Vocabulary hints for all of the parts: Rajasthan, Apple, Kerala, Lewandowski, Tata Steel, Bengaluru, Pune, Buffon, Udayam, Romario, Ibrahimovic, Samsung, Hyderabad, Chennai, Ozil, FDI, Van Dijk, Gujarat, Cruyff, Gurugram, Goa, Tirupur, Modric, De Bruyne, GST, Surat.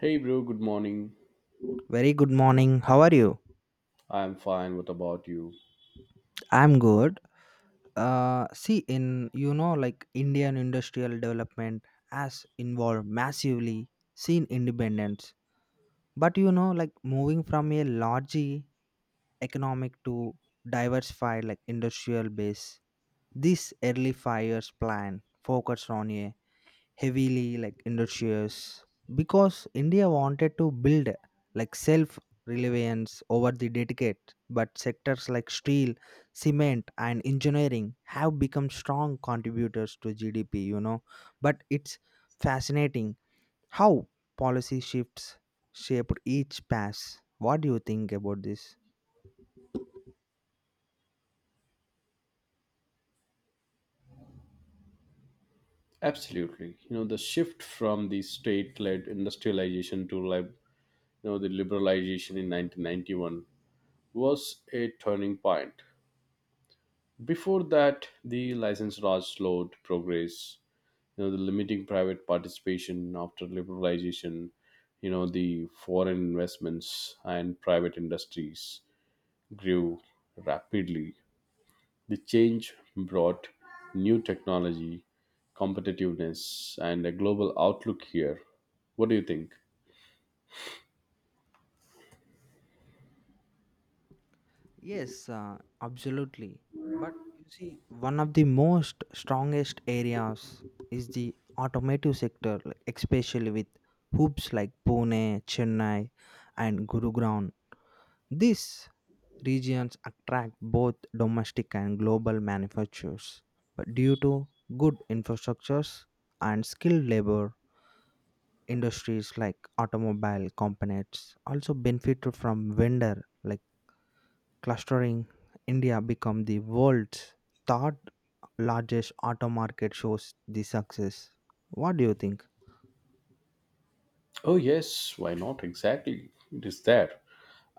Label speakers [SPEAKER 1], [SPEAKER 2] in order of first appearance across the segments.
[SPEAKER 1] Hey, bro, good morning.
[SPEAKER 2] Very good morning. How are you?
[SPEAKER 1] I'm fine. What about you?
[SPEAKER 2] I'm good. See, in you know, like Indian industrial development has involved massively seen independence, but like moving from a large economic to diversified industrial base. This early 5 years plan focused on a heavily industrious because india wanted to build like self reliance over the dedicate but sectors like steel, cement and engineering have become strong contributors to GDP. But it's fascinating how policy shifts shaped each pass. What do you think about this?
[SPEAKER 1] Absolutely. You know, the shift from the state led industrialization to the liberalization in 1991 was a turning point. Before that, the license laws slowed progress, you know, the limiting private participation after liberalization, you know, the foreign investments and private industries grew rapidly. The change brought new technology, competitiveness, and a global outlook here. What do you think?
[SPEAKER 2] Yes, Absolutely. But you see, one of the most strongest areas is the automotive sector, like, especially with hubs like Pune, Chennai, and Gurugram. These regions attract both domestic and global manufacturers. But due to good infrastructures and skilled labor, industries like automobile components also benefit from vendor like clustering. India become the world's third largest auto market shows the success. What do you think?
[SPEAKER 1] Oh, yes, why not? Exactly. It is there.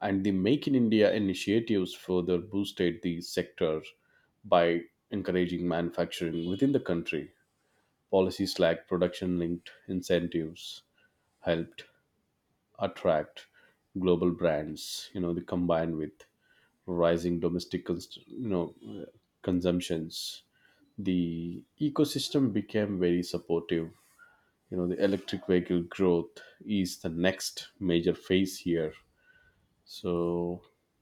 [SPEAKER 1] And the Make in India initiatives further boosted the sector by encouraging manufacturing within the country. Policies like production linked incentives helped attract global brands, you know, they combined with rising consumptions. The ecosystem became very supportive. You know, the electric vehicle growth is the next major phase here. So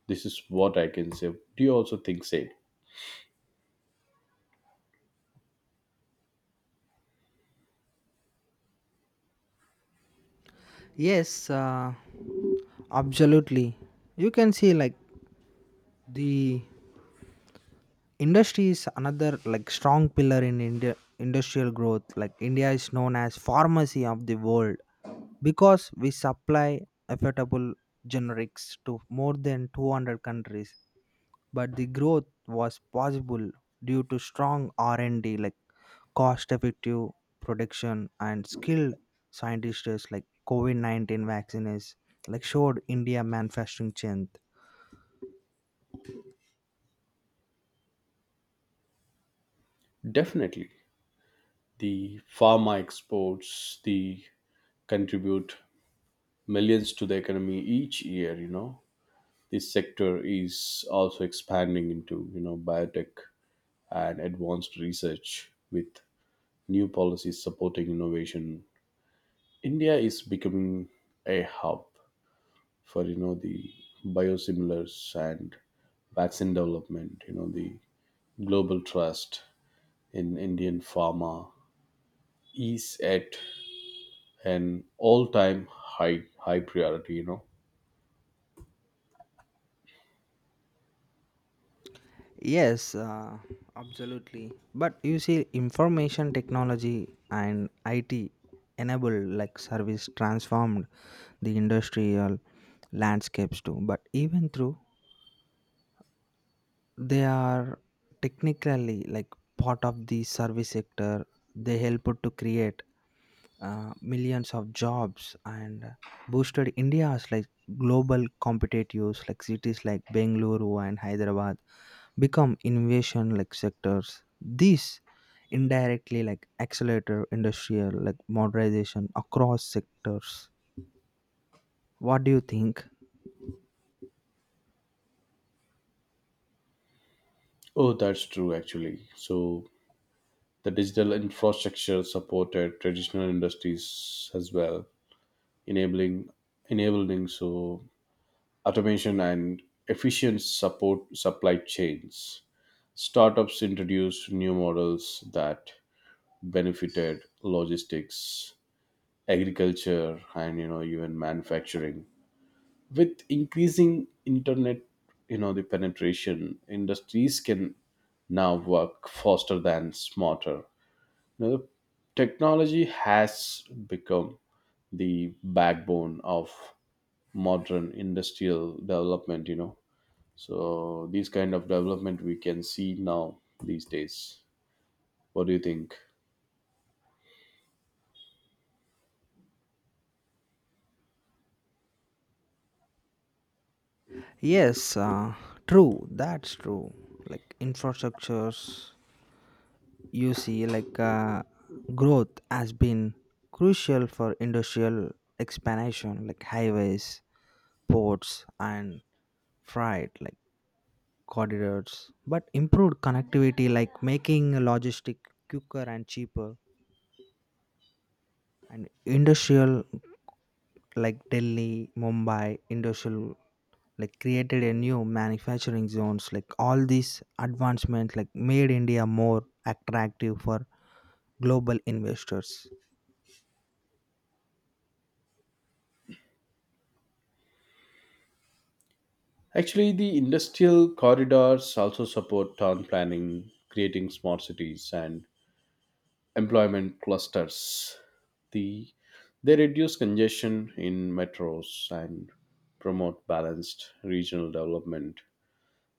[SPEAKER 1] this is what I can say. Do you also think same?
[SPEAKER 2] Yes, uh, Absolutely. You can see the industry is another like strong pillar in India industrial growth. Like India is known as pharmacy of the world because we supply affordable generics to more than 200 countries. But the growth was possible due to strong R&D, like cost effective production and skilled scientists. Like COVID 19 vaccines like showed India manufacturing strength.
[SPEAKER 1] Definitely, the pharma exports the contribute millions to the economy each year. You know, this sector is also expanding into, you know, biotech and advanced research with new policies supporting innovation. India is becoming a hub for, you know, the biosimilars and vaccine development. You know, the global trust in Indian pharma is at an all-time high priority. You know.
[SPEAKER 2] Yes, uh, Absolutely. But you see, information technology and IT enabled like service transformed the industrial landscapes too. But even through they are technically like part of the service sector, they help to create millions of jobs and boosted India's like global competitiveness. Like cities like Bengaluru and Hyderabad become innovation like sectors. These indirectly like accelerator industrial like modernization across sectors. What do you think?
[SPEAKER 1] Oh, that's true actually. So the digital infrastructure supported traditional industries as well, enabling enabling so automation and efficient support supply chains. Startups introduced new models that benefited logistics, agriculture, and, you know, even manufacturing. With increasing internet, you know, the penetration, industries can now work faster than smarter. You know, the technology has become the backbone of modern industrial development. You know. So these kind of development we can see now these days. What do you think?
[SPEAKER 2] Yes, uh, True. That's true. Like infrastructures, you see, growth has been crucial for industrial expansion, like highways, ports and freight like corridors, but improved connectivity like making logistic quicker and cheaper, and industrial like delhi mumbai industrial like created a new manufacturing zones. Like all these advancement like made india more attractive for global investors.
[SPEAKER 1] Actually, the industrial corridors also support town planning, creating smart cities and employment clusters. The they reduce congestion in metros and promote balanced regional development.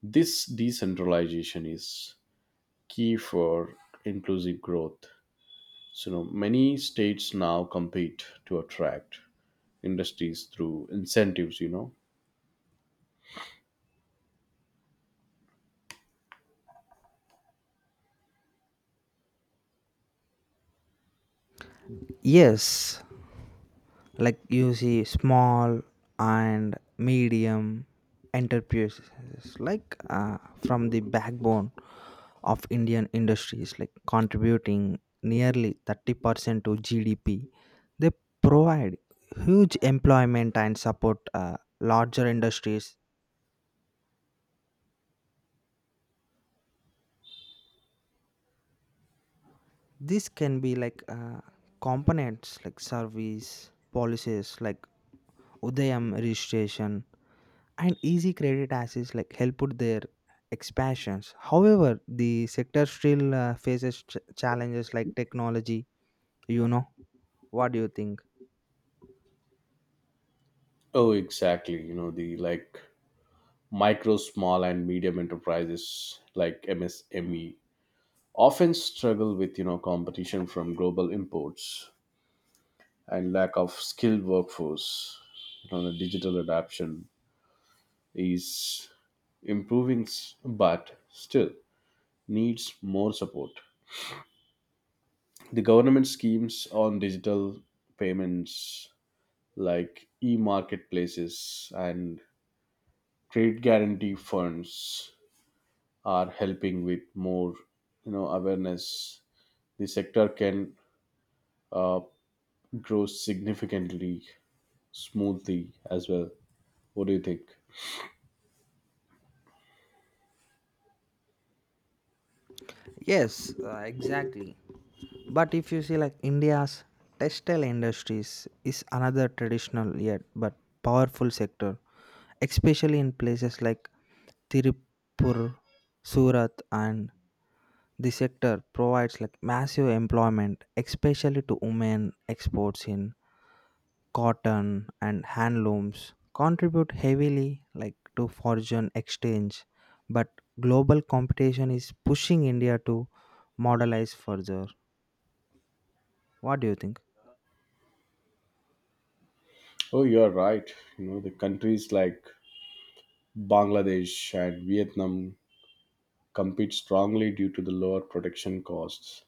[SPEAKER 1] This decentralization is key for inclusive growth. So, you know, many states now compete to attract industries through incentives, you know.
[SPEAKER 2] Yes, like you see small and medium enterprises from the backbone of Indian industries, like contributing nearly 30% to GDP. They provide huge employment and support larger industries. This can be components like service, policies like Udayam registration, and easy credit access like helped their expansions. However, the sector still faces challenges like technology. You know, what do you think?
[SPEAKER 1] Oh, exactly, you know, the like micro small and medium enterprises like MSME often struggle with, you know, competition from global imports and lack of skilled workforce. You know, the digital adoption is but still needs more support. The government schemes on digital payments like e-marketplaces and trade guarantee funds are helping. With more, you know, awareness, the sector can uh, grow significantly smoothly as well. What do you think?
[SPEAKER 2] Yes, exactly. But if you see like India's textile industries is another traditional yet but powerful sector, especially in places like Tirupur, Surat, and the sector provides like massive employment, especially to women. Exports in cotton and handlooms contribute heavily like to foreign exchange, but global competition is pushing india to modernize further. What do you think?
[SPEAKER 1] Oh, you are right. You know, the countries like Bangladesh and Vietnam compete strongly due to the lower production costs.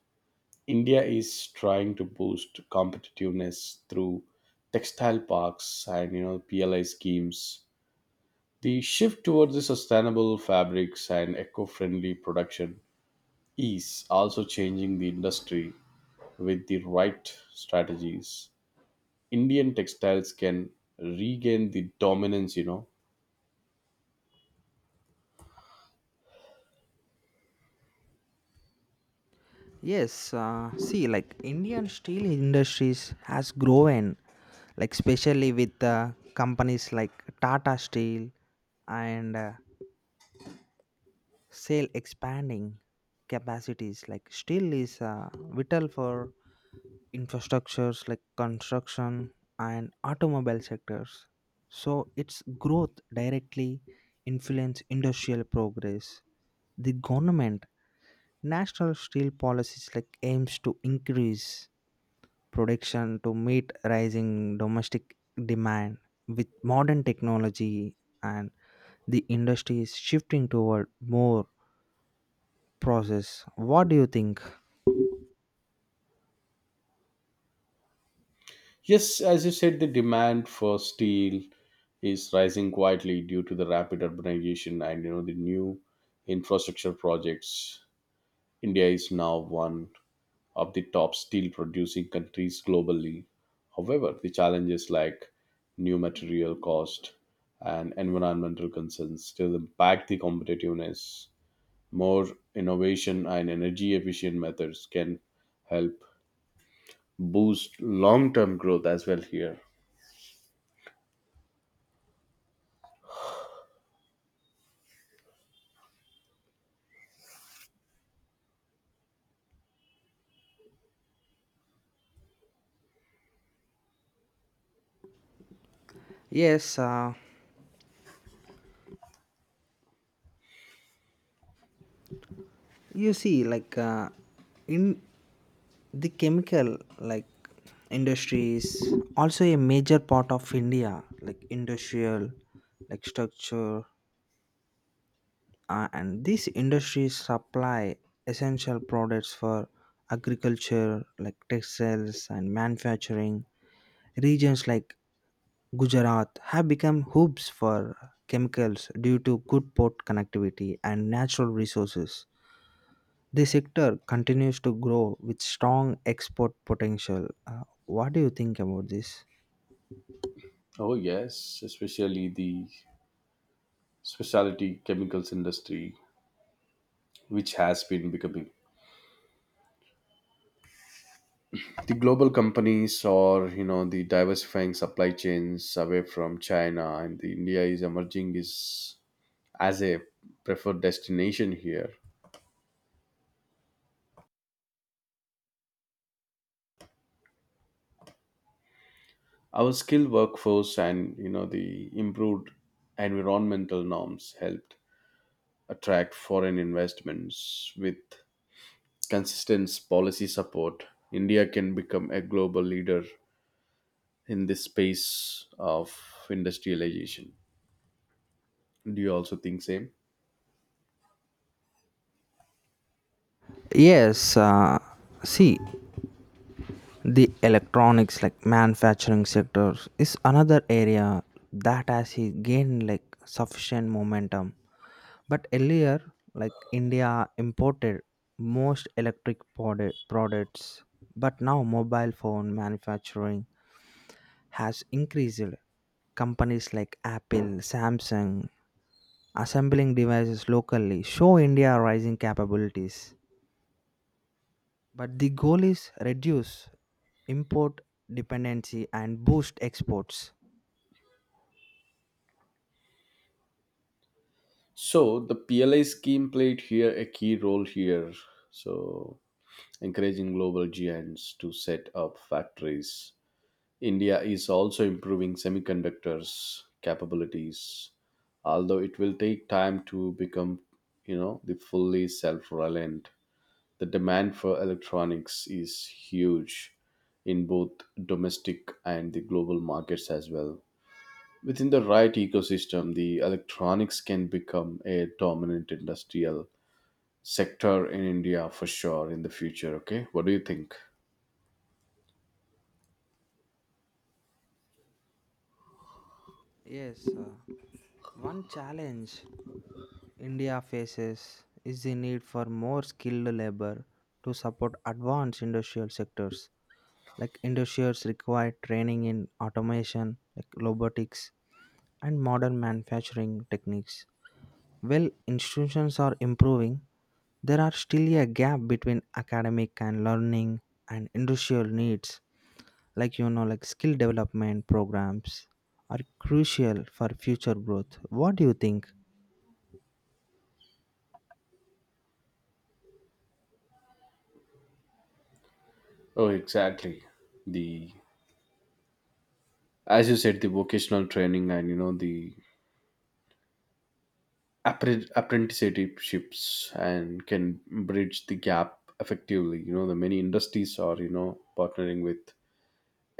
[SPEAKER 1] India is trying to boost competitiveness through textile parks and, you know, PLI schemes. The shift towards the sustainable fabrics and eco friendly production is also changing the industry. With the right strategies, Indian textiles can regain the dominance, you know.
[SPEAKER 2] Like Indian steel industries has grown, like especially with companies like Tata Steel and sale expanding capacities. Like steel is vital for infrastructures like construction and automobile sectors. So its growth directly influence industrial progress. The government national steel policies like aims to increase production to meet rising domestic demand. With modern technology and the industry is shifting toward more process. What do you think?
[SPEAKER 1] Yes, as you said, the demand for steel is rising quietly due to the rapid urbanization and, you know, the new infrastructure projects. India is now one of the top steel producing countries globally. However, the challenges like new material cost and environmental concerns still impact the competitiveness. More innovation and energy efficient methods can help boost long term growth as well here.
[SPEAKER 2] Yes, you see, like in the chemical like industry is also a major part of India, like industrial, like structure. And these industries supply essential products for agriculture, like textiles and manufacturing. Regions like Gujarat have become hubs for chemicals due to good port connectivity and natural resources. The sector continues to grow with strong export potential. What do you think about this?
[SPEAKER 1] Oh yes, especially the specialty chemicals industry, which has been becoming the global companies, or, you know, the diversifying supply chains away from China. And the India is emerging is as a preferred destination here. Our skilled workforce and, you know, the improved environmental norms helped attract foreign investments. With consistent policy support, India can become a global leader in this space of industrialization. Do you also think same?
[SPEAKER 2] Yes, uh, see, The electronics like manufacturing sectors is another area that has gained like sufficient momentum. But earlier, like India imported most electric products, but now mobile phone manufacturing has increased. Companies like Apple, Samsung assembling devices locally show India rising capabilities. But the goal is reduce import dependency and boost exports.
[SPEAKER 1] So the PLI scheme played here a key role here. So encouraging global giants to set up factories. India is also improving semiconductors capabilities, although it will take time to become, you know, the fully self-reliant. The demand for electronics is huge in both domestic and the global markets as well. Within the right ecosystem, the electronics can become a dominant industrial sector in India for sure in the future. Okay, what do you think?
[SPEAKER 2] Yes, uh, One challenge India faces is the need for more skilled labor to support advanced industrial sectors. Like industries require training in automation, like robotics, and modern manufacturing techniques. While institutions are improving, there are still a gap between academic and learning and industrial needs. Like skill development programs are crucial for future growth. What do you think?
[SPEAKER 1] Oh, exactly. The As you said, the vocational training and, you know, the apprenticeships and can bridge the gap effectively. You know, the many industries are, you know, partnering with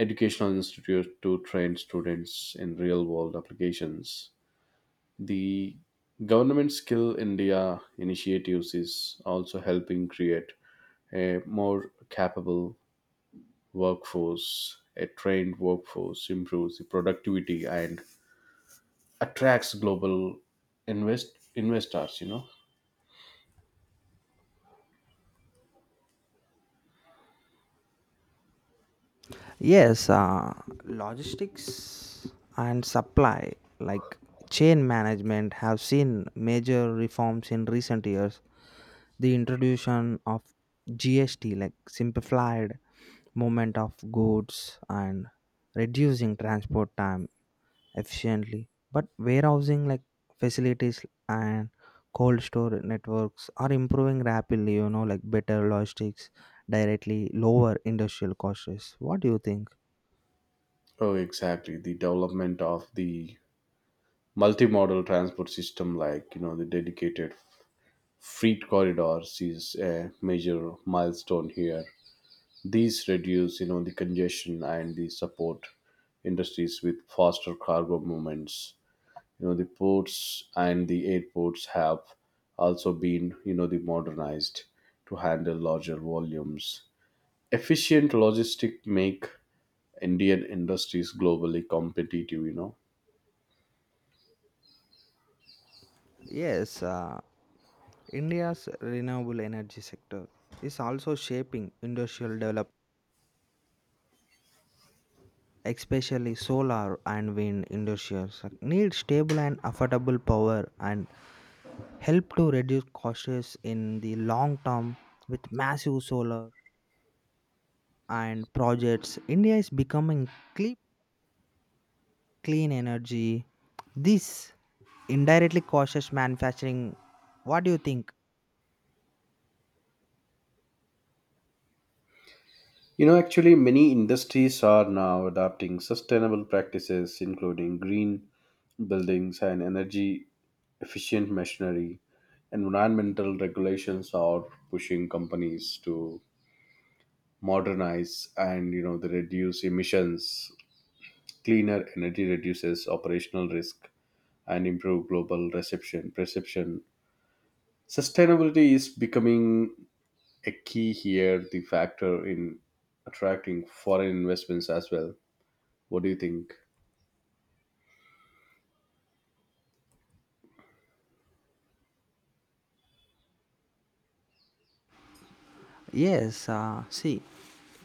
[SPEAKER 1] educational institutes to train students in real world applications. The government Skill India initiatives is also helping create a more capable workforce. A trained workforce improves the productivity and attracts global investors, you know.
[SPEAKER 2] yes uh, Logistics and supply like chain management have seen major reforms in recent years. The introduction of GST like simplified movement of goods and reducing transport time efficiently, but warehousing like facilities and cold store networks are improving rapidly. Like better logistics directly lower industrial costs. What do you think?
[SPEAKER 1] Oh, exactly. The development of the multimodal transport system, like, you know, the dedicated freight corridors, is a major milestone here. These reduce, you know, the congestion and the support industries with faster cargo movements. You know, the ports and the airports have also been, you know, the modernized to handle larger volumes. Efficient logistics make Indian industries globally competitive, you know.
[SPEAKER 2] yes uh, India's renewable energy sector is also shaping industrial development, especially solar and wind industries like, need stable and affordable power and help to reduce costs in the long term. With massive solar and projects, India is becoming cle- clean energy. This indirectly causes manufacturing. What do you think?
[SPEAKER 1] You know, actually, many industries are now adopting sustainable practices, including green buildings and energy efficient machinery. Environmental regulations are pushing companies to modernize, and, you know, they reduce emissions. Cleaner energy reduces operational risk and improve global reception perception. Sustainability is becoming a key here, the factor in attracting foreign investments as well. What do you think?
[SPEAKER 2] Yes, uh, see,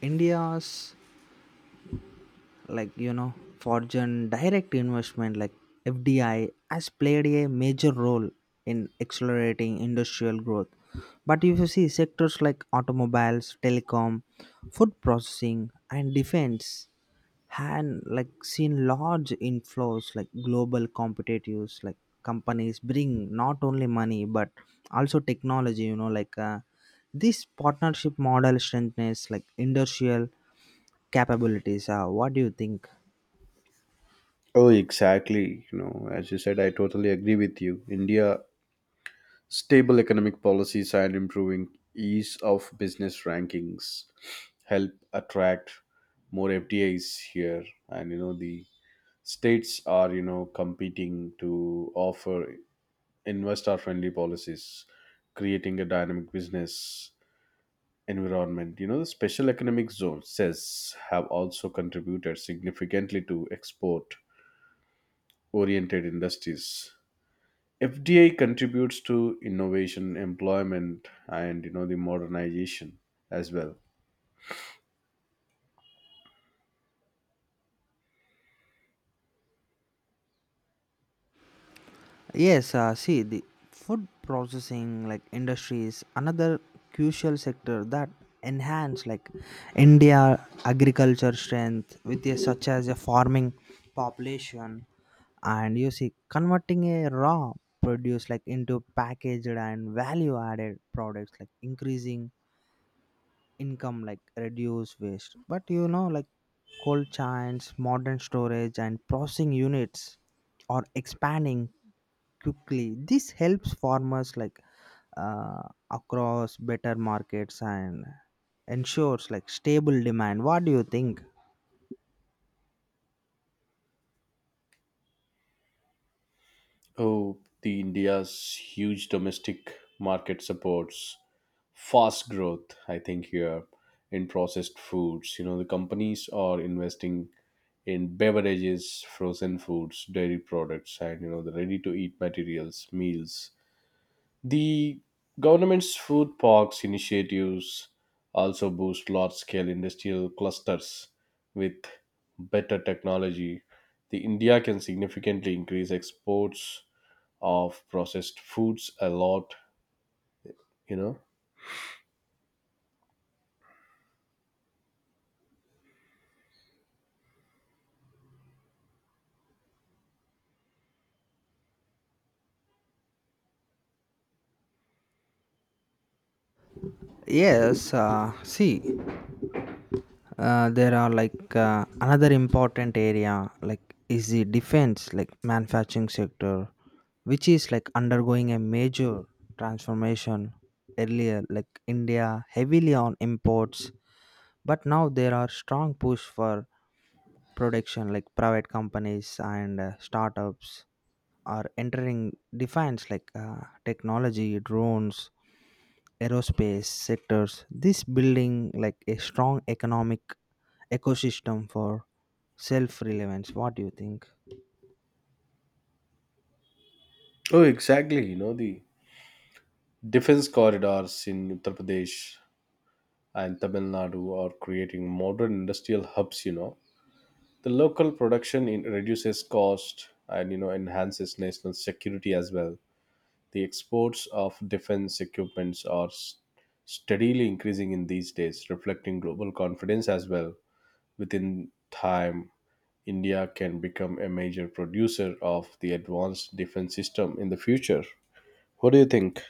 [SPEAKER 2] India's like you know foreign direct investment like FDI has played a major role in accelerating industrial growth. But if you see sectors like automobiles, telecom, food processing and defense had like seen large inflows. Like global competitors like companies bring not only money but also technology. This partnership model strengthens like industrial capabilities. What do you think?
[SPEAKER 1] Oh, exactly. You know, as you said, I totally agree with you. India, stable economic policies and improving ease of business rankings help attract more FDIs here. And, you know, the states are, you know, competing to offer investor friendly policies, creating a dynamic business environment. You know, the special economic zones, says have also contributed significantly to export oriented industries. FDI contributes to innovation, employment, and, you know, the modernization as well.
[SPEAKER 2] Yes see The food processing like industry is another crucial sector that enhance like india agriculture strength with a, such as a farming population. And you see converting a raw produce like into packaged and value added products like increasing income like reduce waste. But you know Like cold chains modern storage and processing units are expanding quickly. This helps farmers uh, across better markets and ensures like stable demand. What do you think?
[SPEAKER 1] Oh, the India's huge domestic market supports fast growth. I think here in processed foods, you know, the companies are investing in beverages, frozen foods, dairy products, and, you know, the ready-to-eat meals. The government's food parks initiatives also boost large scale industrial clusters with better technology. The India can significantly increase exports of processed foods a lot, you know.
[SPEAKER 2] Yes, uh, see, there are another important area like is the defense like manufacturing sector, which is like undergoing a major transformation. Earlier, like india heavily on imports, but now there are strong push for production. Like private companies and startups are entering defense technology, drones, aerospace sectors. This building like a strong economic ecosystem for self relevance. What do you think?
[SPEAKER 1] Oh, exactly. You know, the defense corridors in Uttar Pradesh and Tamil Nadu are creating modern industrial hubs, you know. The local production in reduces cost and, you know, enhances national security as well. The exports of defense equipments are steadily increasing in these days, reflecting global confidence as well. Within time, India can become a major producer of the advanced defense system in the future. What do you think?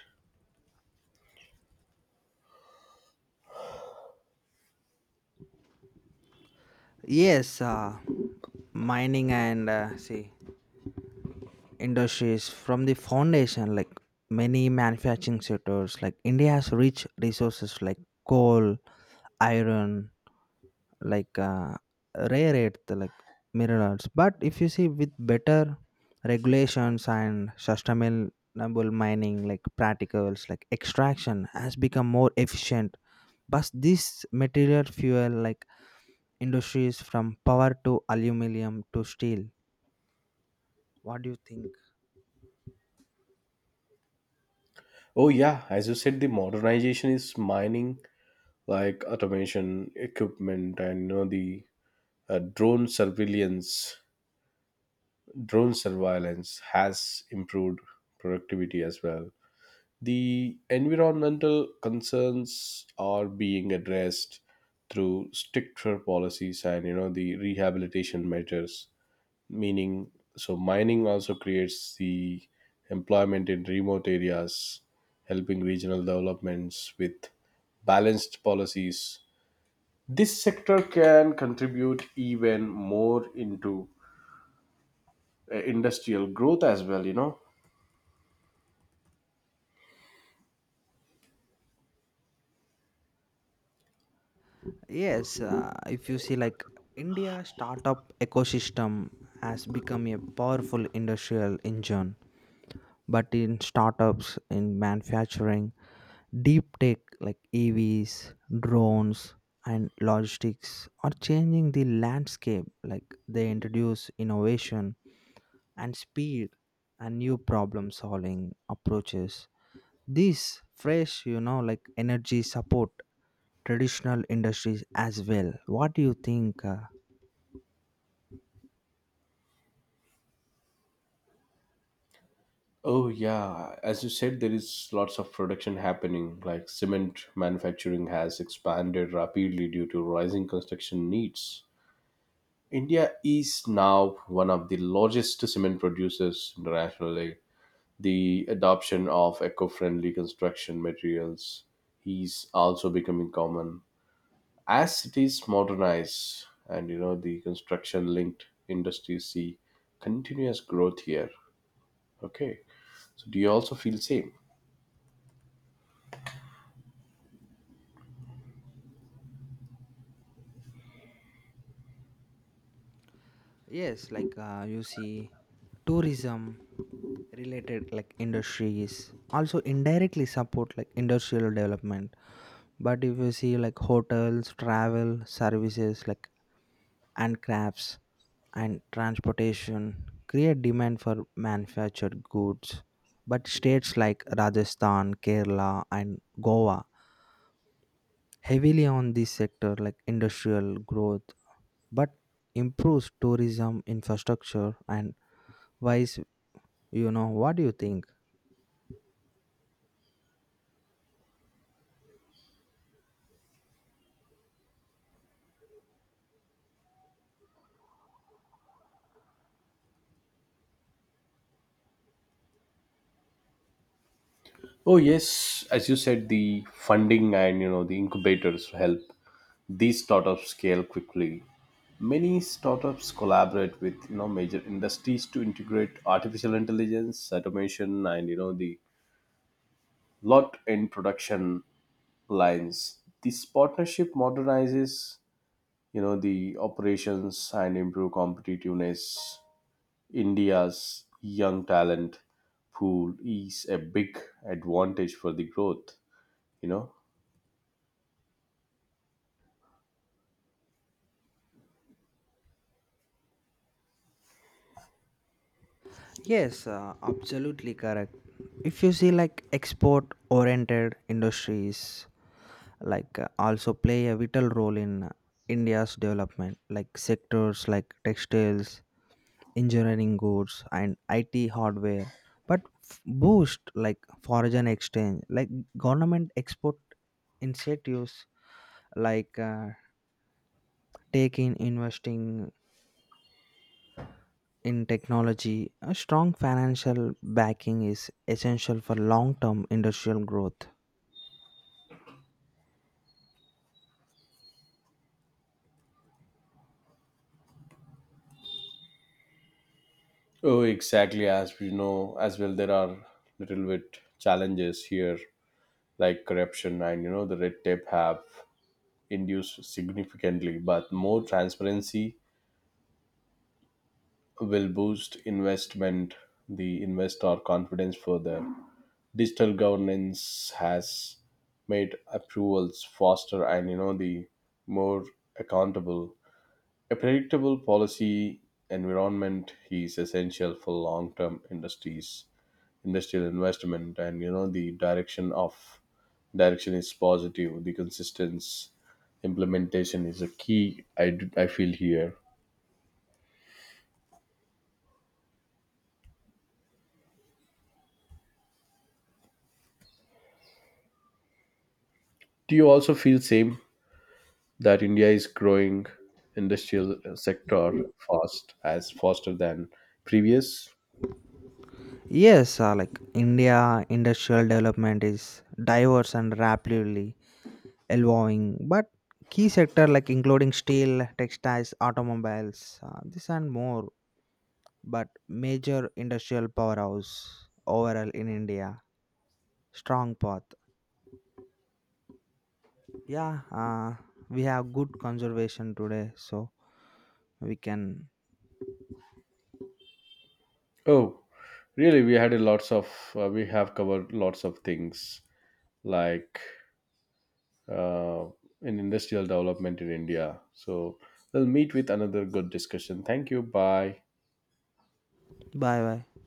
[SPEAKER 2] yes uh, Mining and see industries from the foundation like many manufacturing sectors. Like india's rich resources like coal, iron, like uh, rare earth like minerals. But if you see with better regulations and sustainable mining like practicals like extraction has become more efficient, but this material fuel like industries from power to aluminum to steel. What do you think?
[SPEAKER 1] Oh yeah, as you said, the modernization is mining like automation equipment and, you know, the uh, drone surveillance drone surveillance has improved productivity as well. The environmental concerns are being addressed through stricter policies and, you know, the rehabilitation measures. Meaning, so mining also creates the employment in remote areas, helping regional developments with balanced policies. This sector can contribute even more into industrial growth as well. You know.
[SPEAKER 2] Yes if you see like india startup ecosystem has become a powerful industrial engine. But in startups, in manufacturing, deep tech like EVs, drones and logistics are changing the landscape. Like they introduce innovation and speed and new problem solving approaches. This fresh like energy support traditional industries as well. What do you think?
[SPEAKER 1] Oh yeah, as you said, there is lots of production happening. Like cement manufacturing has expanded rapidly due to rising construction needs. India is now one of the largest cement producers internationally. The adoption of eco-friendly construction materials is also becoming common as cities modernize, and, you know, the construction-linked industries see continuous growth here. Okay, so do you also feel same?
[SPEAKER 2] You see, tourism related like industries also indirectly support like industrial development. But if you see like hotels, travel, services like and crafts and transportation create demand for manufactured goods. But states like Rajasthan, Kerala and Goa heavily on this sector like industrial growth, but improves tourism infrastructure and vice. What do you think?
[SPEAKER 1] Oh yes, as you said, the funding and, you know, the incubators help these startups scale quickly. Many startups collaborate with, you know, major industries to integrate artificial intelligence, automation, and, you know, the lot in production lines. This partnership modernizes, you know, the operations and improve competitiveness. India's young talent pool is a big advantage for the growth. You know.
[SPEAKER 2] Yes, Absolutely correct. If you see like export oriented industries also play a vital role in India's development. Like sectors like textiles, engineering goods and IT hardware, but boost like foreign exchange like government export incentives like uh, taking investing in technology, a strong financial backing is essential for long term industrial growth.
[SPEAKER 1] Oh, exactly. As we know, as well, there are little bit challenges here, like corruption and, you know, the red tape have induced significantly. But more transparency will boost investment, the investor confidence further. Digital governance has made approvals faster and, you know, the more accountable. A predictable policy environment is essential for long-term industries industrial investment. And, you know, the direction is positive. The consistent implementation is a key, I I feel here. Do you also feel same that India is growing industrial sector fast as faster than previous?
[SPEAKER 2] Yes, like India, industrial development is diverse and rapidly evolving, but key sector like including steel, textiles, automobiles, this and more, but major industrial powerhouse overall in India, strong path. Yeah, uh, we have good conservation today, so we can
[SPEAKER 1] Oh, really, we had a lots of we have covered lots of things like uh, in industrial development in India. So we'll meet with another good discussion. Thank you. Bye.
[SPEAKER 2] bye bye.